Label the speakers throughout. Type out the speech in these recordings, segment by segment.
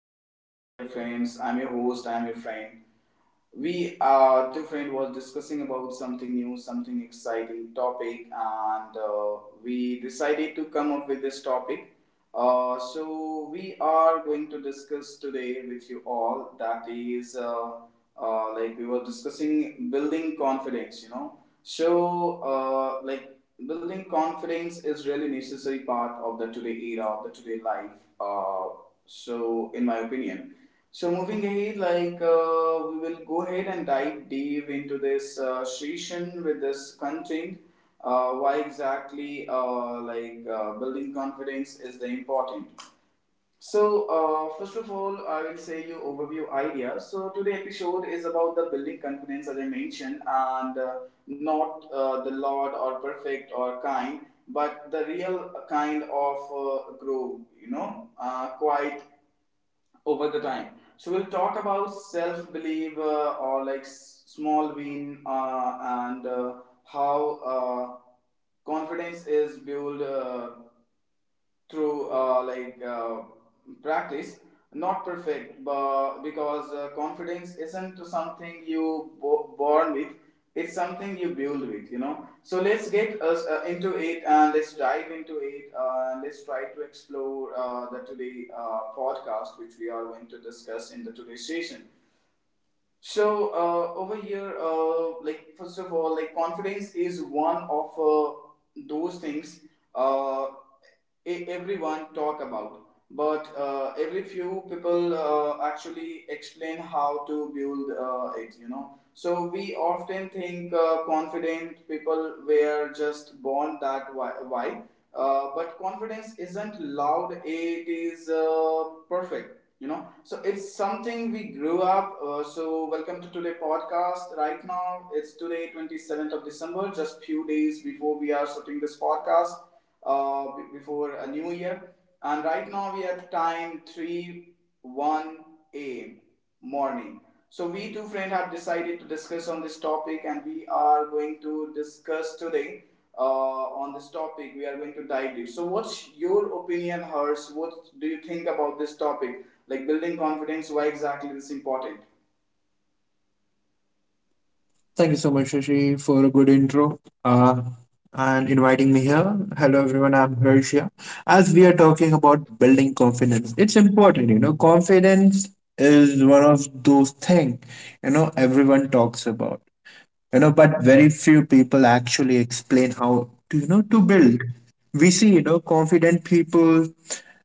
Speaker 1: dear listener, hi dear friends. I'm your host, I'm your friend we two friend was discussing about something new something exciting topic and we decided to come up with this topic. So we are going to discuss today with you all that is like we were discussing building confidence you know so like building confidence is really necessary part of the today era of the today life so in my opinion so moving ahead, like we will go ahead and dive deep into this session with this content. Why exactly like building confidence is the important. So first of all, I will say you overview idea. So today episode is about the building confidence as I mentioned, and not the Lord or perfect or kind, but the real kind of grow. You know, quite over the time. So we'll talk about self belief or like small win and how confidence is built through practice not perfect but because confidence isn't something you born with. It's something you build with, you know. So let's get us into it and let's dive into it, and let's try to explore the today podcast which we are going to discuss in the today's session. So over here, like first of all, like confidence is one of those things uh, everyone talk about, but every few people actually explain how to build it. You know, so we often think confident people were just born that why, but confidence isn't loud. It is perfect. You know so it's something we grew up. So welcome to today podcast. Right now it's today 27th of December, just few days before we are shooting this podcast, before a new year. And right now we at time 3 1 a.m. morning. So we two friends have decided to discuss on this topic, and we are going to discuss today on this topic. We are going to dive deep. So, what's your opinion, Hers? What do you think about this topic? Like building confidence, why exactly this is important?
Speaker 2: Thank you so much, Shashi, for a good intro, and inviting me here. Hello, everyone. I'm Hershia. As we are talking about building confidence, it's important, you know, confidence is one of those things, you know, everyone talks about you know, but very few people actually explain how to, you know, to build. We see, you know, confident people,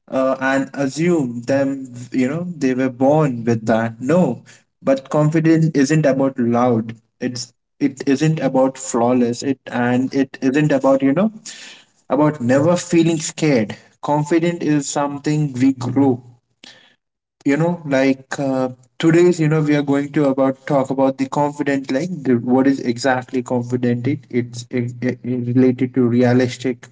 Speaker 2: and assume them, you know, they were born with that. No, but confidence isn't about loud. It's it isn't about flawless it, and it isn't about, you know, about never feeling scared. Confident is something we grow, you know, like, today's, you know, we are going to about talk about the confident, like the, what is exactly confident. It it's it, it, it related to realistic,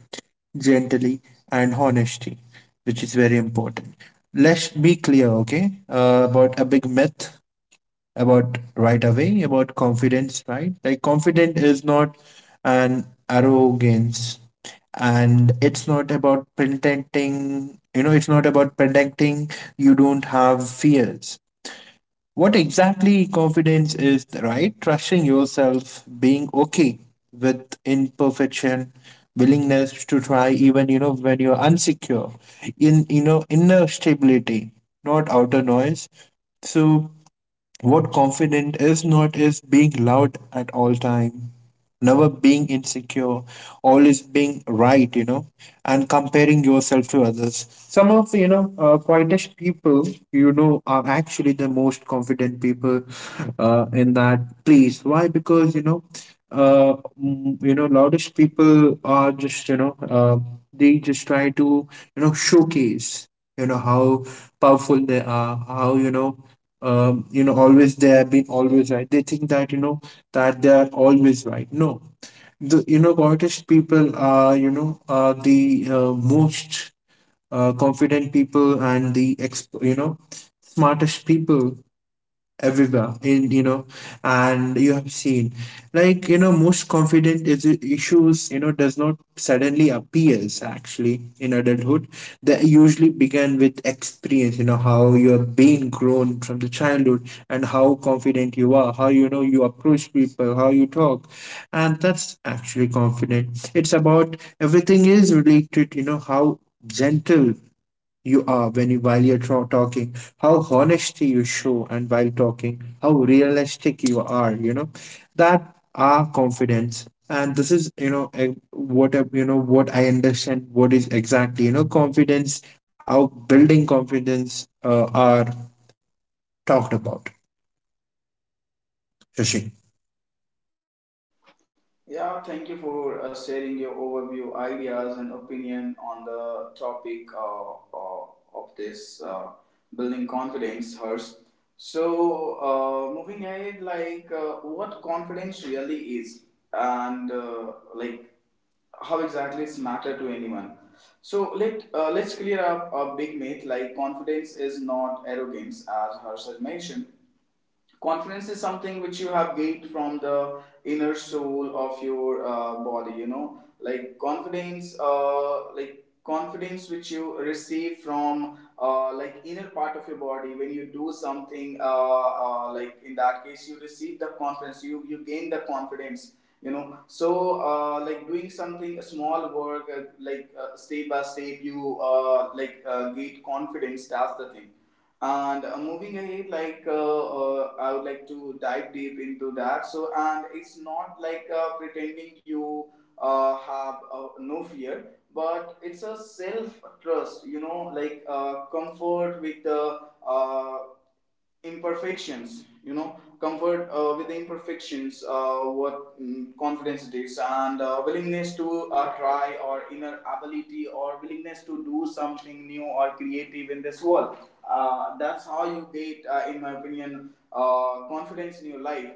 Speaker 2: gently, and honesty, which is very important. Let's be clear, okay, about a big myth, about right away, about confidence, right? Like confident is not an arrogance, and it's not about pretending, you know, it's not about pretending you don't have fears. What exactly confidence is, right? Trusting yourself, being okay with imperfection, willingness to try even, you know, when you're insecure, in, you know, inner stability, not outer noise. So what confident is not, is being loud at all time, never being insecure, always being right, you know, and comparing yourself to others. Some of, you know, quietest people, you know, are actually the most confident people, in that place. Why? Because, you know, you know, loudest people are just, you know, they just try to, you know, showcase, you know, how powerful they are, how, you know, you know, always they have been always right. They think that, you know, that they are always right. No, the, you know, Scottish people are, you know, are the most confident people and the, you know, smartest people everywhere in, you know, and you have seen, like, you know, most confident is issues, you know, does not suddenly appears actually in adulthood. They usually begin with experience, you know, how you are being grown from the childhood and how confident you are, how, you know, you approach people, how you talk. And that's actually confident. It's about everything is related, you know, how gentle you are when you while talking, how honesty you show, and while talking, how realistic you are. You know, that are confidence. And this is, you know, what you know, what I understand. What is exactly, you know, confidence? How building confidence are talked about, Shashi.
Speaker 1: Yeah, thank you for sharing your overview, ideas, and opinion on the topic of this building confidence, Hers. So, moving ahead, like what confidence really is, and like how exactly it's matter to anyone. So let's clear up a big myth like confidence is not arrogance, as Harsh has mentioned. Confidence is something which you have gained from the inner soul of your body, you know, like confidence which you receive from like inner part of your body when you do something, like in that case you receive the confidence, you gain the confidence, you know. So like doing something a small work step by step you get confidence, that's the thing. And moving ahead, like I would like to dive deep into that. So, and it's not like pretending you have no fear, but it's a self trust. You know, like comfort with the uh, imperfections, you know, comfort with the imperfections, confidence it is, and willingness to try or inner ability or willingness to do something new or creative in this world. That's how you get, in my opinion, confidence in your life.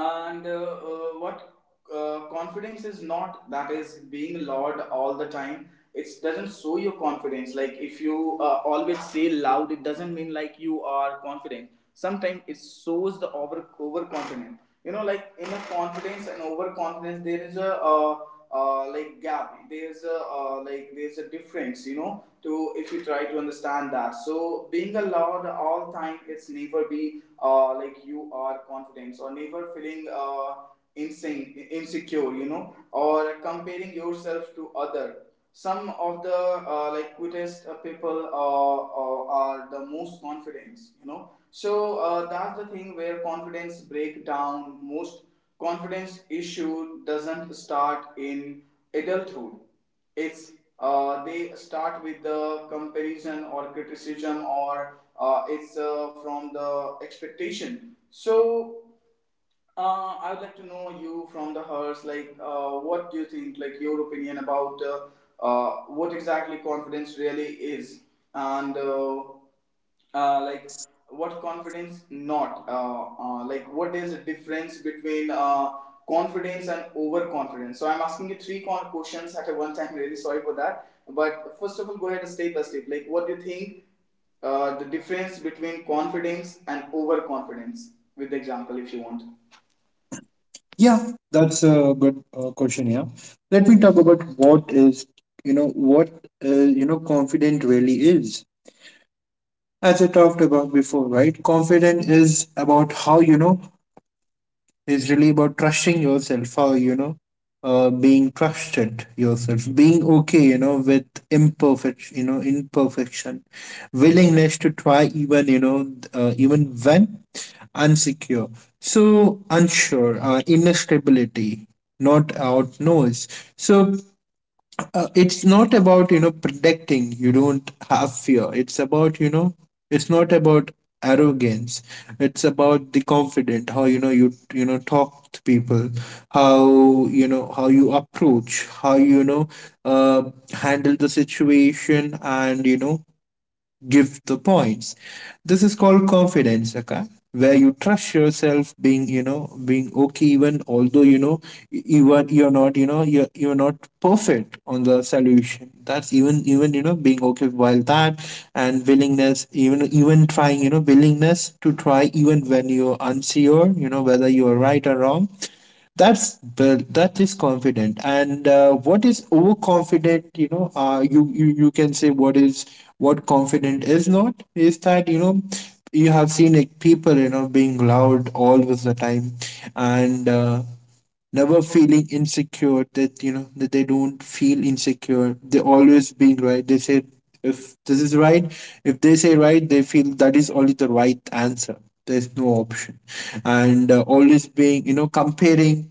Speaker 1: And what confidence is not, that is being loud all the time. It doesn't show your confidence. Like if you always say loud, it doesn't mean like you are confident. Sometimes it shows the over overconfident, you know. Like in a confidence and overconfidence there is a like gap, there's a like there's a difference, you know, to if you try to understand that. So being a loud all time, it's never be like you are confident, or never feeling insecure, you know, or comparing yourself to other. Some of the like quickest people are the most confident, you know. So that's the thing where confidence break down most. Confidence issue doesn't start in adulthood. It's they start with the comparison or criticism or it's from the expectation. So I would like to know you from the hearse. Like, what do you think? Like your opinion about what exactly confidence really is, and like what confidence not. Like, what is the difference between confidence and overconfidence? So I'm asking you three questions at a one time. Really sorry for that. But first of all, go ahead step by step. Like, what do you think the difference between confidence and overconfidence? With the example, if you want.
Speaker 2: Yeah, that's a good question. Yeah, let me talk about what is, you know, what, uh, you know, confident really is. As I talked about before, right? Confidence is about how, you know, is really about trusting yourself, how, you know, being trusted yourself, being okay, you know, with imperfect, you know, imperfection, willingness to try even, you know, even when unsecure, so unsure, inner stability, not out noise. So it's not about, you know, protecting you don't have fear. It's about, you know, it's not about arrogance. It's about the confident, how, you know, you know talk to people, how, you know, how you approach, how, you know, uh, handle the situation, and, you know, give the points. This is called confidence, okay? Where you trust yourself being, you know, being okay, even although, you know, you are you're not, you know, you're not perfect on the solution. That's even, even, you know, being okay while that, and willingness, even, even trying, you know, willingness to try even when you're unsure, you know, whether you are right or wrong. That's that is confident. And what is overconfident? You know, you, you can say what is, what confident is not, is that, you know, you have seen like people, you know, being loud all of the time, and never feeling insecure, that, you know, that they don't feel insecure. They always being right. They say if this is right, if they say right, they feel that is only the right answer. There's no option, and always being, you know, comparing,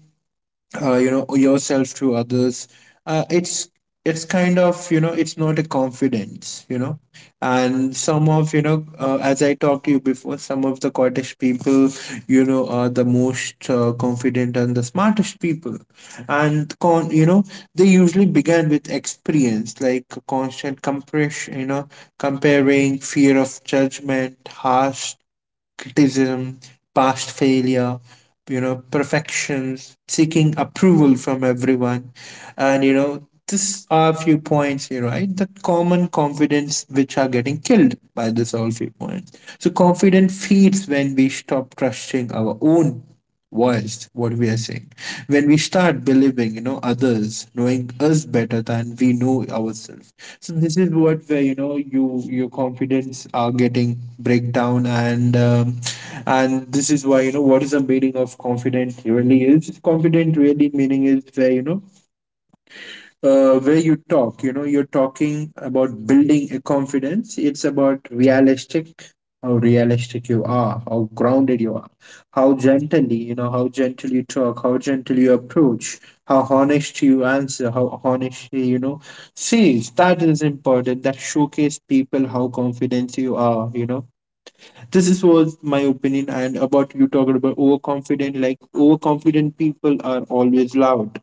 Speaker 2: you know, yourself to others. uh, it's it's kind of, you know, it's not a confidence, you know. And some of, you know, as I talked to you before, some of the Scottish people, you know, are the most confident and the smartest people. And con you know, they usually began with experience, like constant compression, you know, comparing, fear of judgment, harsh criticism, past failure, you know, perfections, seeking approval from everyone. And, you know, these are few points, you know, right? The common confidence which are getting killed by this all few points. So confidence feeds when we stop trusting our own voice, what we are saying, when we start believing, you know, others knowing us better than we know ourselves. So this is what, where, you know, you, your confidence are getting breakdown. And and this is why, you know, what is the meaning of confident really is. Confident really meaning is where, you know, where you talk, you know, you're talking about building a confidence. It's about realistic, how realistic you are, how grounded you are, how gently, you know, how gentle you talk, how gentle you approach, how honest you answer, how honestly, you know, says. That is important, that showcase people how confident you are, you know. This is was my opinion. And about you talking about overconfident, like overconfident people are always loud.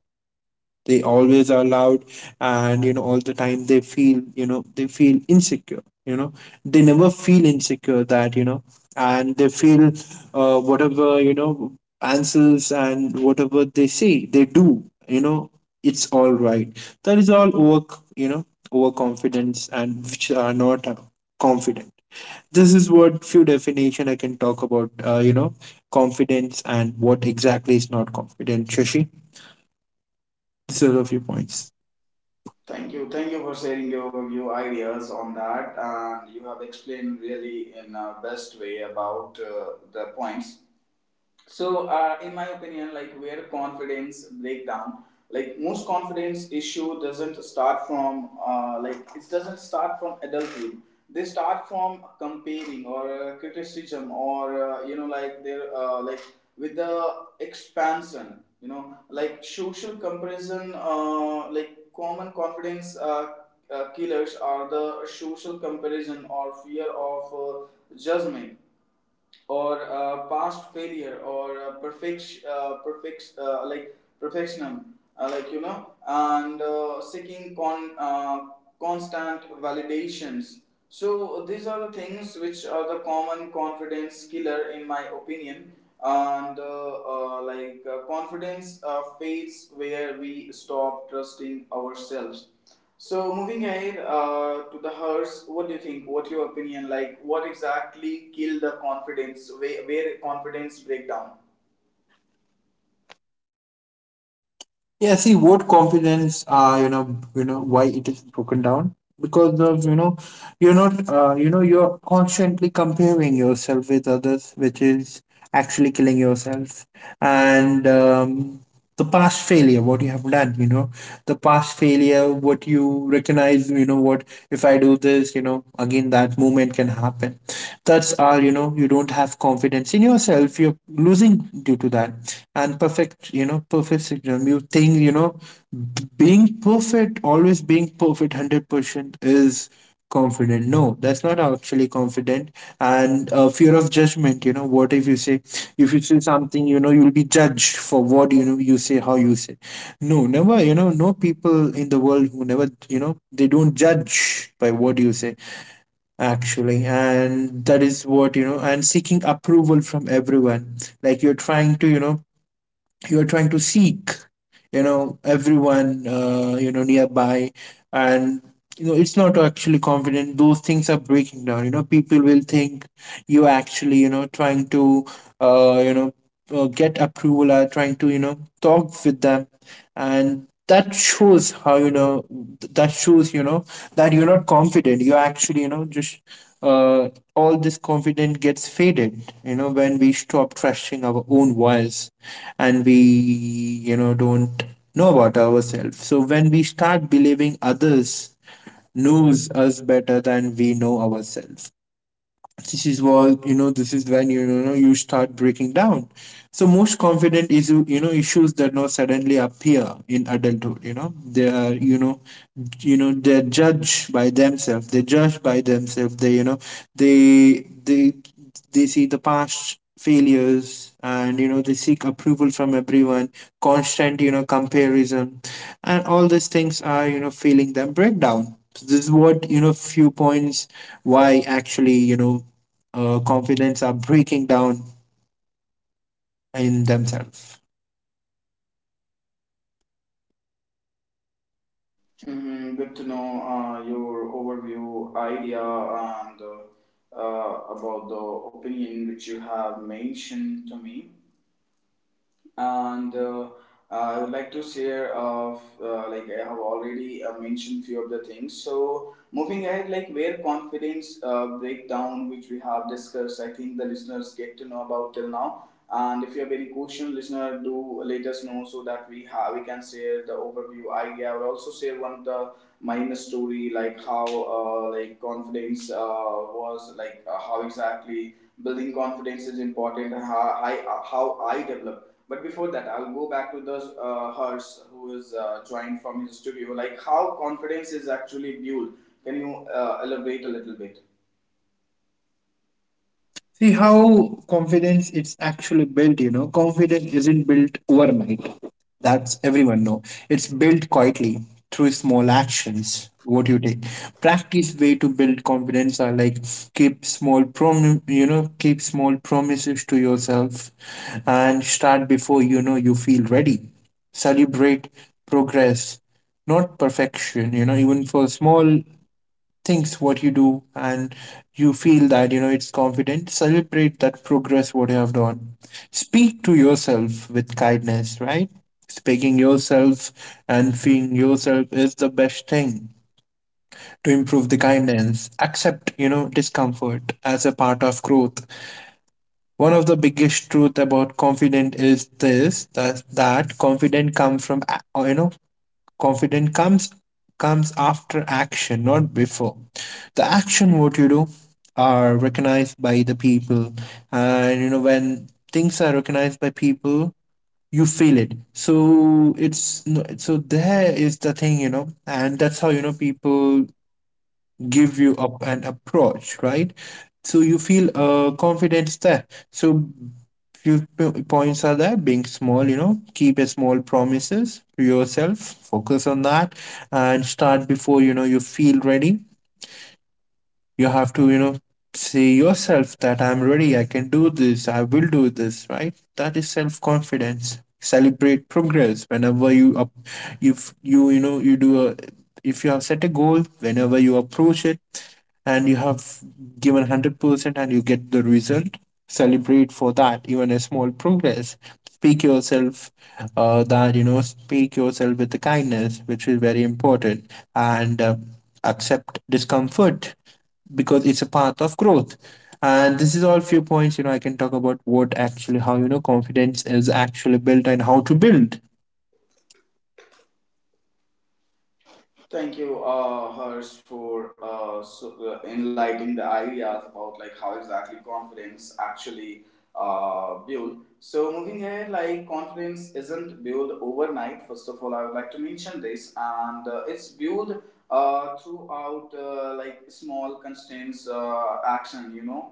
Speaker 2: They always are loud, and, you know, all the time they feel, you know, they feel insecure. You know, they never feel insecure, that, you know, and they feel, whatever, you know, answers, and whatever they say they do. You know, it's all right. That is all over, you know, overconfidence, and which are not confident. This is what few definition I can talk about. You know, confidence and what exactly is not confident. Shashi, these are a few points.
Speaker 1: Thank you. Thank you for sharing your ideas on that. And you have explained really in a best way about the points. So, in my opinion, like where confidence breakdown, like most confidence issue doesn't start from like it doesn't start from adulthood. They start from comparing or criticism or you know like their like with the expansion. You know like social comparison. Like common confidence killers are the social comparison or fear of judgment or past failure or like perfectionism, like you know, and seeking constant validations. So these are the things which are the common confidence killer in my opinion, and like confidence fades where we stop trusting ourselves. So moving ahead to the hearse, what do you think? What your opinion? Like, what exactly kill the confidence? Where confidence break down?
Speaker 2: Yeah, see, what confidence, you know, you know why it is broken down? Because of, you know, you're not, you know, you're constantly comparing yourself with others, which is actually killing yourself. And the past failure, what you have done, you know, the past failure, what you recognize, you know, what, if I do this, you know, again, that movement can happen. That's all, you know, you don't have confidence in yourself, you're losing due to that. And perfect, you know, perfect, perfectionism, you think, you know, being perfect, always being perfect 100% is confident. No, that's not actually confident. And fear of judgment, you know, what if you say, if you say something, you know, you'll be judged for what, you know, you say, how you say. No, never, you know, no people in the world who never, you know, they don't judge by what you say, actually. And that is what, you know, and seeking approval from everyone, like you're trying to, you know, you are trying to seek, you know, everyone you know nearby. And, you know, it's not actually confident. Those things are breaking down, you know, people will think you, actually, you know, trying to, you know, get approval, or trying to, you know, talk with them. And that shows how, you know, that shows, you know, that you're not confident. You're actually, you know, just uh, all this confidence gets faded, you know, when we stop trusting our own voice, and we, you know, don't know about ourselves. So when we start believing others knows us better than we know ourselves, this is what, you know, this is when, you know, you start breaking down. So most confident is, you know, issues that now suddenly appear in adulthood, you know, they are, you know, you know, they're judged by themselves, they judge by themselves, they, you know, they they see the past failures, and, you know, they seek approval from everyone, constant, you know, comparison. And all these things are, you know, feeling them breakdown. So this is what, you know, few points, why actually, you know, confidence are breaking down in themselves.
Speaker 1: Hmm. Good to know your overview idea, and about the opinion which you have mentioned to me. And I would like to share of like I have already mentioned few of the things. So moving ahead, like where confidence breakdown, which we have discussed, I think the listeners get to know about till now. And if you have any question, listener, do let us know so that we can share the overview idea. I will also share one of the minus story like how like confidence was like how exactly building confidence is important. And how I how I developed, but before that, I'll go back to the Hers who is joined from his studio. Like how confidence is actually built. Can you elaborate a little bit?
Speaker 2: See how confidence it's actually built. You know, confidence isn't built overnight. That's everyone know. It's built quietly through small actions. What you take, practice way to build confidence are like, keep small prom you know, keep small promises to yourself, and start before, you know, you feel ready. Celebrate progress not perfection even for small thinks what you do, and you feel that it's confident. Celebrate that progress what you have done. Speak to yourself with kindness, right? Speaking yourself and feeling yourself is the best thing to improve the kindness. Accept discomfort as a part of growth. One of the biggest truth about confident is this that confident comes from a- you know Confidence comes after action, not before. The action what you do are recognized by the people, and you know when things are recognized by people, you feel it. So it's no- so there is the thing, you know, and that's how you know people give you up an approach, right? So you feel confidence there. So points are there. Being small, you know, keep a small promises to yourself, focus on that, and start before you know you feel ready. You have to, you know, say yourself that I'm ready, I can do this, I will do this, right? That is self confidence. Celebrate progress whenever you up. If you, you know, you do a, if you have set a goal, whenever you approach it and you have given 100% and you get the result, celebrate for that, even a small progress. Speak yourself, that you know speak yourself with the kindness, which is very important. And accept discomfort because it's a path of growth. And this is all few points, you know, I can talk about what actually how you know confidence is actually built and how to build.
Speaker 1: Thank you, Hers, for enlightening the ideas about like how exactly confidence actually build. So moving ahead, like confidence isn't built overnight. First of all, I would like to mention this, and it's built throughout like small constraints action. You know,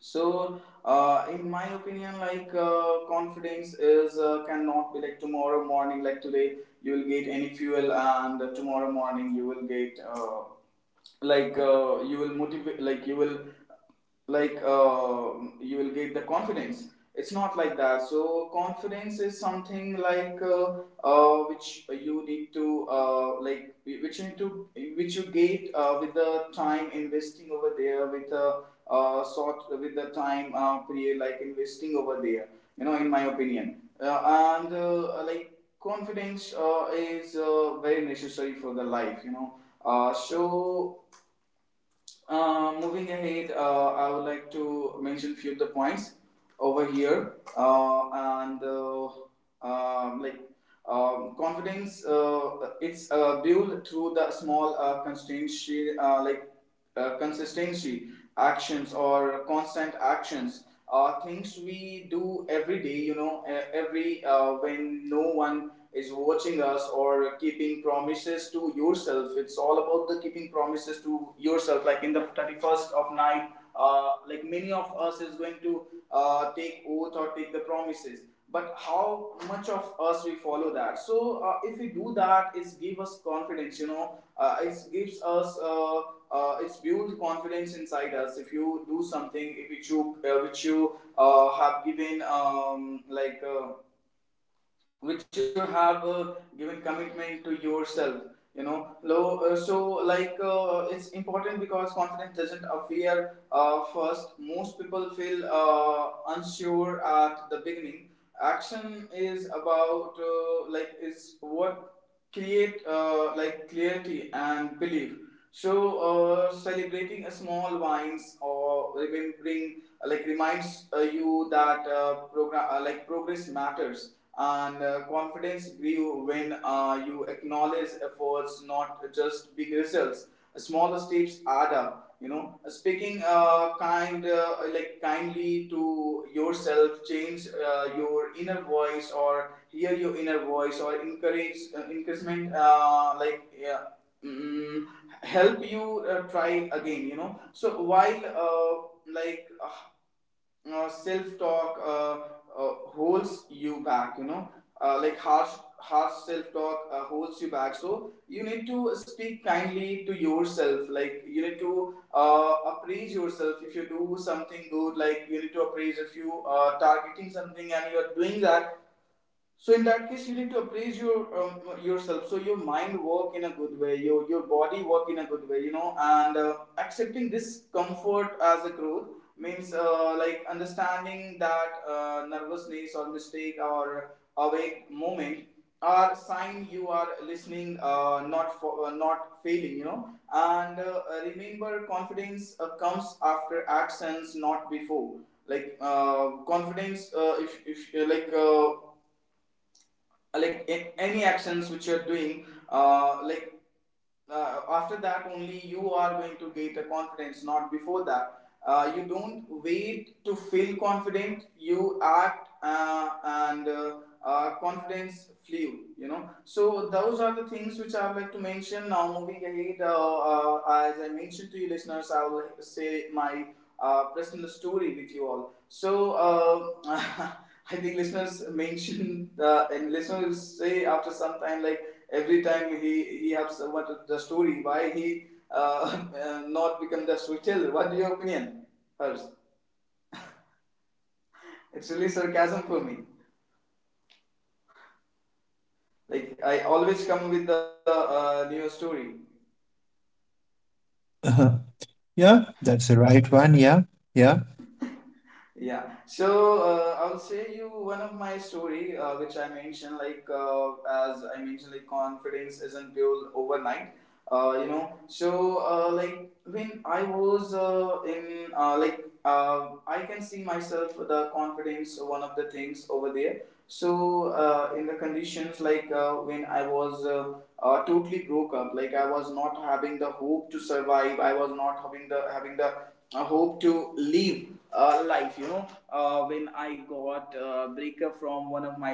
Speaker 1: so in my opinion like confidence is cannot be like tomorrow morning, like today you will get any fuel, and tomorrow morning you will get like you will motivate, like you will get the confidence. It's not like that. So confidence is something like which you need to which you get with the time investing over there, with a sort with the time period like investing over there, you know, in my opinion. And like confidence is very necessary for the life, you know. So moving ahead, I would like to mention a few of the points over here, and like confidence. It's built through the small consistency actions or constant actions. Things we do every day, you know, every when no one is watching us, or keeping promises to yourself. It's all about the keeping promises to yourself, like in the 31st of night. Like many of us is going to take oath or take the promises, but how much of us we follow that? So if we do that, it's give us confidence, it gives us it's build confidence inside us, if you do something, if you which you have given, which you have given commitment to yourself, so, it's important because confidence doesn't appear first. Most people feel unsure at the beginning. Action is about like is what create like clarity and belief. So celebrating a small wins or remembering like reminds you that program like progress matters. And confidence grew when you acknowledge efforts, not just big results. Smaller steps add up, you know. Speaking kind like kindly to yourself, change your inner voice, or hear your inner voice, or encouragement mm, help you try again, you know. So while like self talk holds you back, you know. Like harsh self talk holds you back. So you need to speak kindly to yourself, like you need to appraise yourself if you do something good. Like you need to appraise if you are targeting something and you are doing that. So in that case, you need to appraise your, yourself. So your mind work in a good way, your body work in a good way, you know. And accepting this comfort as a growth means like understanding that nervousness or mistake or awake moment are sign you are listening, not for, not failing, you know. And remember, confidence comes after actions, not before. Like confidence if like like in any actions which you're doing after that only you are going to get a confidence, not before that. You don't wait to feel confident, you act, and confidence flew, you know. So those are the things which I would like to mention. Now moving ahead, as I mentioned to you listeners, I will say my personal story with you all, so I think listeners mentioned, and listeners will say after some time, like every time he has what, the story, why he not become the switchel. What's your opinion first? It's really sarcasm for me, like I always come with the new story.
Speaker 2: Uh-huh. Yeah, that's the right one. Yeah yeah.
Speaker 1: Yeah, so I'll say you one of my story, which I mentioned, like as I mentioned, like confidence isn't built overnight. You know, so like when I was in like I can see myself the confidence, one of the things over there. So in the conditions, like when I was, totally broke up, like I was not having the hope to survive. I was not having the hope to live life, you know. When I got breakup from one of my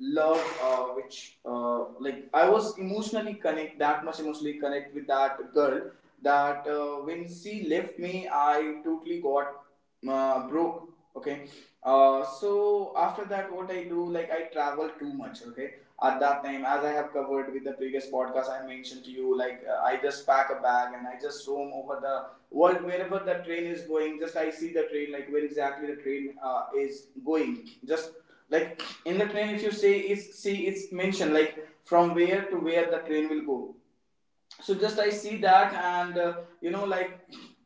Speaker 1: love, which like I was emotionally connect, that much emotionally connect with that girl, that when she left me, I totally got broke. Okay. So after that, what I do, like I travel too much. Okay. At that time, as I have covered with the previous podcast, I mentioned to you, like I just pack a bag and I just roam over the, what, wherever the train is going, just I see the train, like where exactly the train is going. Just like in the train, if you say is see it's mentioned like from where to where the train will go. So just I see that, and you know, like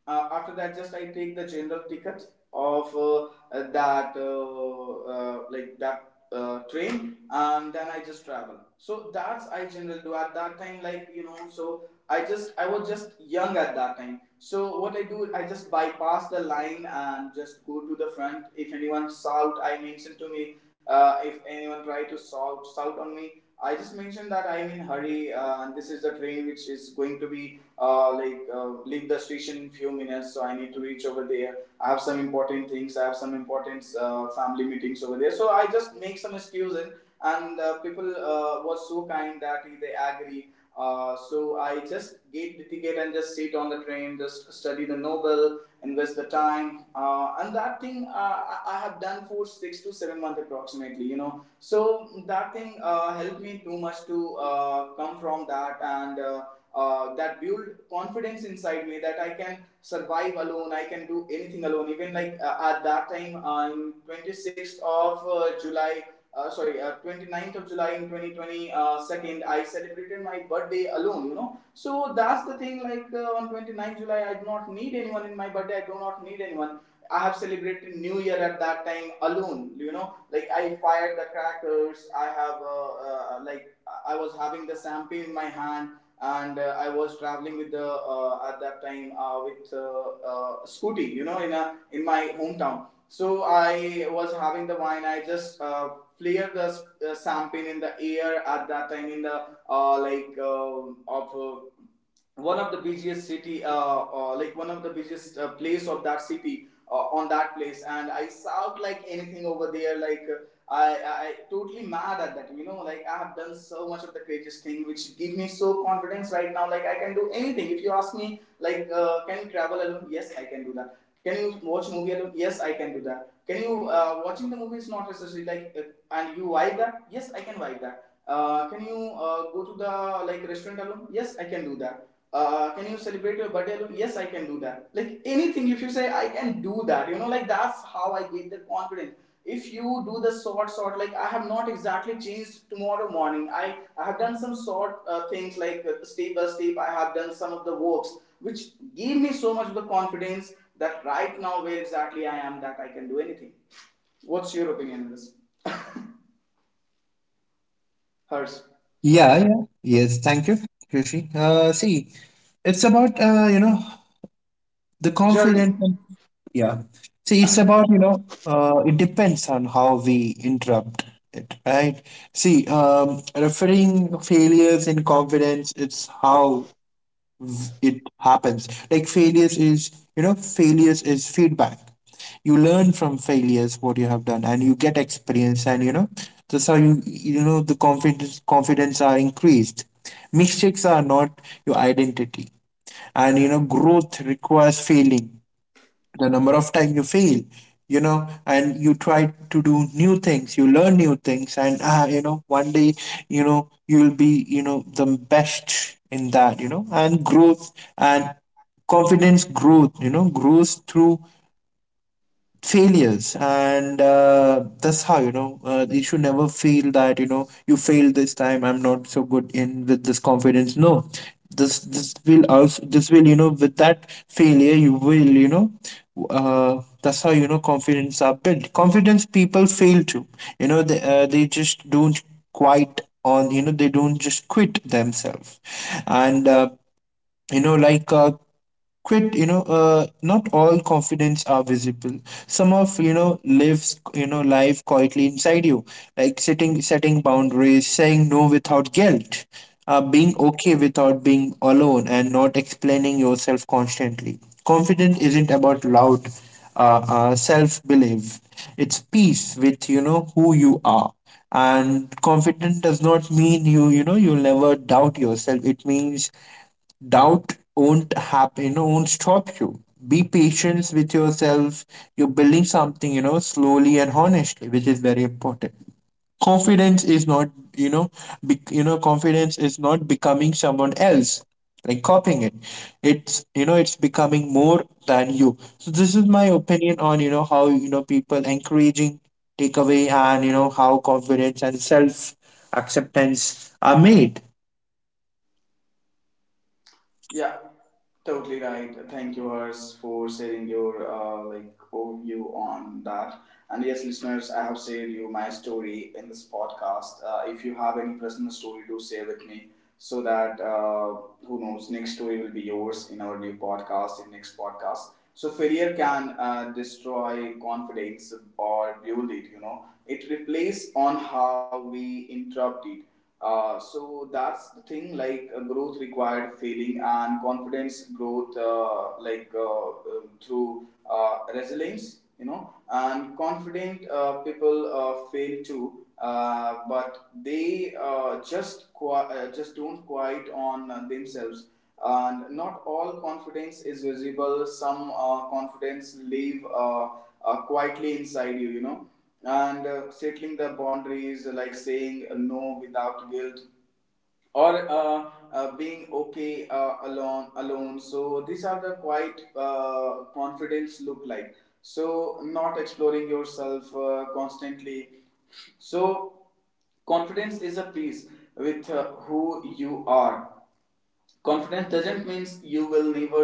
Speaker 1: after that, just I take the general ticket of, that train, and then I just travel. So that's I generally do at that time, like, you know. So I was just young at that time. So what I do, I just bypass the line and just go to the front. If anyone shout, I mention to me, if anyone try to shout on me, I just mentioned that I'm in hurry, and this is the train which is going to be, leave the station in few minutes. So I need to reach over there. I have some important things. I have some important family meetings over there. So I just make some excuses, and people was so kind that they agree. So I just get the ticket and just sit on the train, just study the novel, invest the time, and that thing I have done for 6 to 7 months approximately. You know, so that thing helped me too much to come from that, and that built confidence inside me, that I can survive alone, I can do anything alone. Even, like at that time, in 26th of July, sorry, 9th of July in 2020, second, I celebrated my birthday alone, you know. So that's the thing, like on 9th July, I do not need anyone in my birthday, I do not need anyone. I have celebrated new year at that time alone, you know. Like I fired the crackers. I have, I was having the sample in my hand, and I was traveling with the, at that time, with scooty, you know, in a, in my hometown. So I was having the wine. I just flared the champagne in the air at that time in the, like of one of the busiest city, like one of the busiest place of that city, on that place, and I shout like anything over there. Like I totally mad at that. You know, like I have done so much of the craziest thing, which give me so confidence right now. Like I can do anything. If you ask me, like can you travel alone? Yes, I can do that. Can you watch movie alone? Yes, I can do that. Can you watching the movie is not necessary. Like and you vibe that? Yes, I can vibe that. Can you go to the, like, restaurant alone? Yes, I can do that. Can you celebrate your birthday alone? Yes, I can do that. Like anything, if you say, I can do that, you know. Like that's how I get the confidence. If you do the sort, like I have not exactly changed tomorrow morning. I have done some sort things, like step by step. I have done some of the works which gave me so much of the confidence, that right now where exactly I am, that I can do anything. What's your opinion on this, Hers?
Speaker 2: Yeah. Yeah. Yes, thank you, Yoshi. See, it's about, you know, the
Speaker 1: Journey.
Speaker 2: confidence and— yeah. See, it's about, you know, it depends on how we interrupt it, right? See, referring failures in confidence, it's how it happens. Like failures is, you know, failures is feedback. You learn from failures what you have done, and you get experience, and you know that's how you, you know, the confidence are increased. Mistakes are not your identity, and you know growth requires failing. The number of times you fail, you know, and you try to do new things, you learn new things, and you know, one day, you know, you'll be, you know, the best in that, you know. And growth and confidence growth, you know, grows through failures. And that's how, you know, you should never feel that, you know, you failed this time, I'm not so good in with this confidence. No, this, this will also, this will, you know, with that failure you will, you know, that's how you know confidence are built. Confidence people fail to, you know, they just don't quite on, you know, they don't just quit themselves. And you know, like, quit, you know. Not all confidence are visible. Some of, you know, lives, you know, life quietly inside you. Like setting boundaries, saying no without guilt, being okay without being alone, and not explaining yourself constantly. Confidence isn't about loud self belief. It's peace with, you know, who you are. And confident does not mean you, you know, you'll never doubt yourself. It means doubt won't happen, you know, won't stop you. Be patient with yourself. You're building something, you know, slowly and honestly, which is very important. Confidence is not, you know, be, you know, confidence is not becoming someone else, like copying it. It's, you know, it's becoming more than you. So this is my opinion on, you know, how you know people encouraging takeaway, and you know how confidence and self acceptance are made.
Speaker 1: Yeah. Totally right. Thank you, Hers, for sharing your like overview on that. And yes, listeners, I have shared you my story in this podcast. If you have any personal story, do share with me, so that who knows, next story will be yours in our new podcast, in next podcast. So failure can destroy confidence or build it. You know, it replays on how we interrupt. So that's the thing, like growth required failing, and confidence growth through resilience, you know. And confident people fail too, but they just just don't quiet on themselves. And not all confidence is visible. Some confidence live quietly inside you, you know. And settling the boundaries, like saying no without guilt, or being okay alone. So these are the quiet confidence look like. So not exploring yourself constantly. So confidence is a peace with who you are. Confidence doesn't means you will never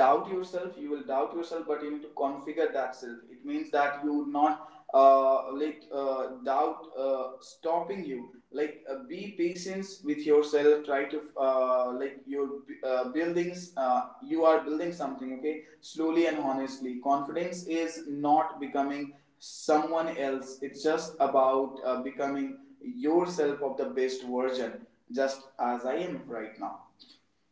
Speaker 1: doubt yourself. You will doubt yourself, but you need to configure that self. It means that you would not let doubt stopping you. Like be patient with yourself, try to uh, like your you are building something, okay, slowly and honestly. Confidence is not becoming someone else, it's just about becoming yourself of the best version, just as I am right now.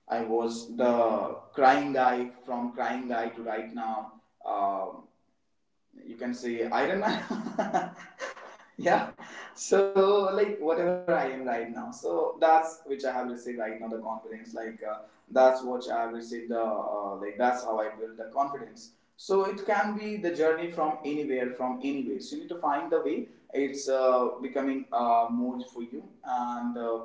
Speaker 1: I was the crying guy. From crying guy to right now. You can say Iron Man. Yeah. So like whatever I am right now, so that's which I have received right now, the confidence, like that's what I have received the, that's how I build the confidence. So it can be the journey from anywhere, from anywhere. So you need to find the way. It's becoming more for you. And uh,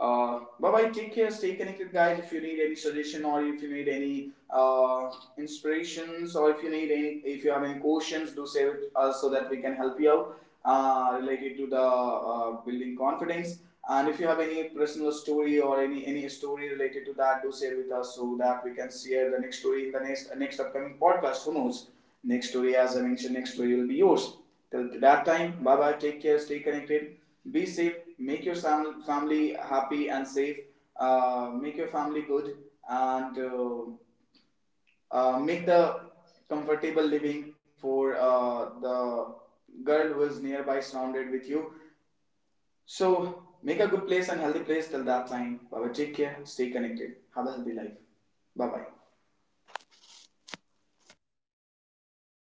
Speaker 1: uh, bye bye, take care, stay connected guys. If you need any suggestion, or if you need any inspirations, or if you need any, if you have any questions, do share with us, so that we can help you out related to the building confidence. And if you have any personal story or any story related to that, do share with us, so that we can share the next story in the next next upcoming podcast. Who knows? Next story, as I mentioned, next story will be yours. Till that time, bye bye. Take care. Stay connected. Be safe. Make your family happy and safe. Make your family good, and. Make the comfortable living for the girl who is nearby, surrounded with you. So make a good place and healthy place. Till that time, bye, bye. Take care. Stay connected. Have a healthy life. Bye bye.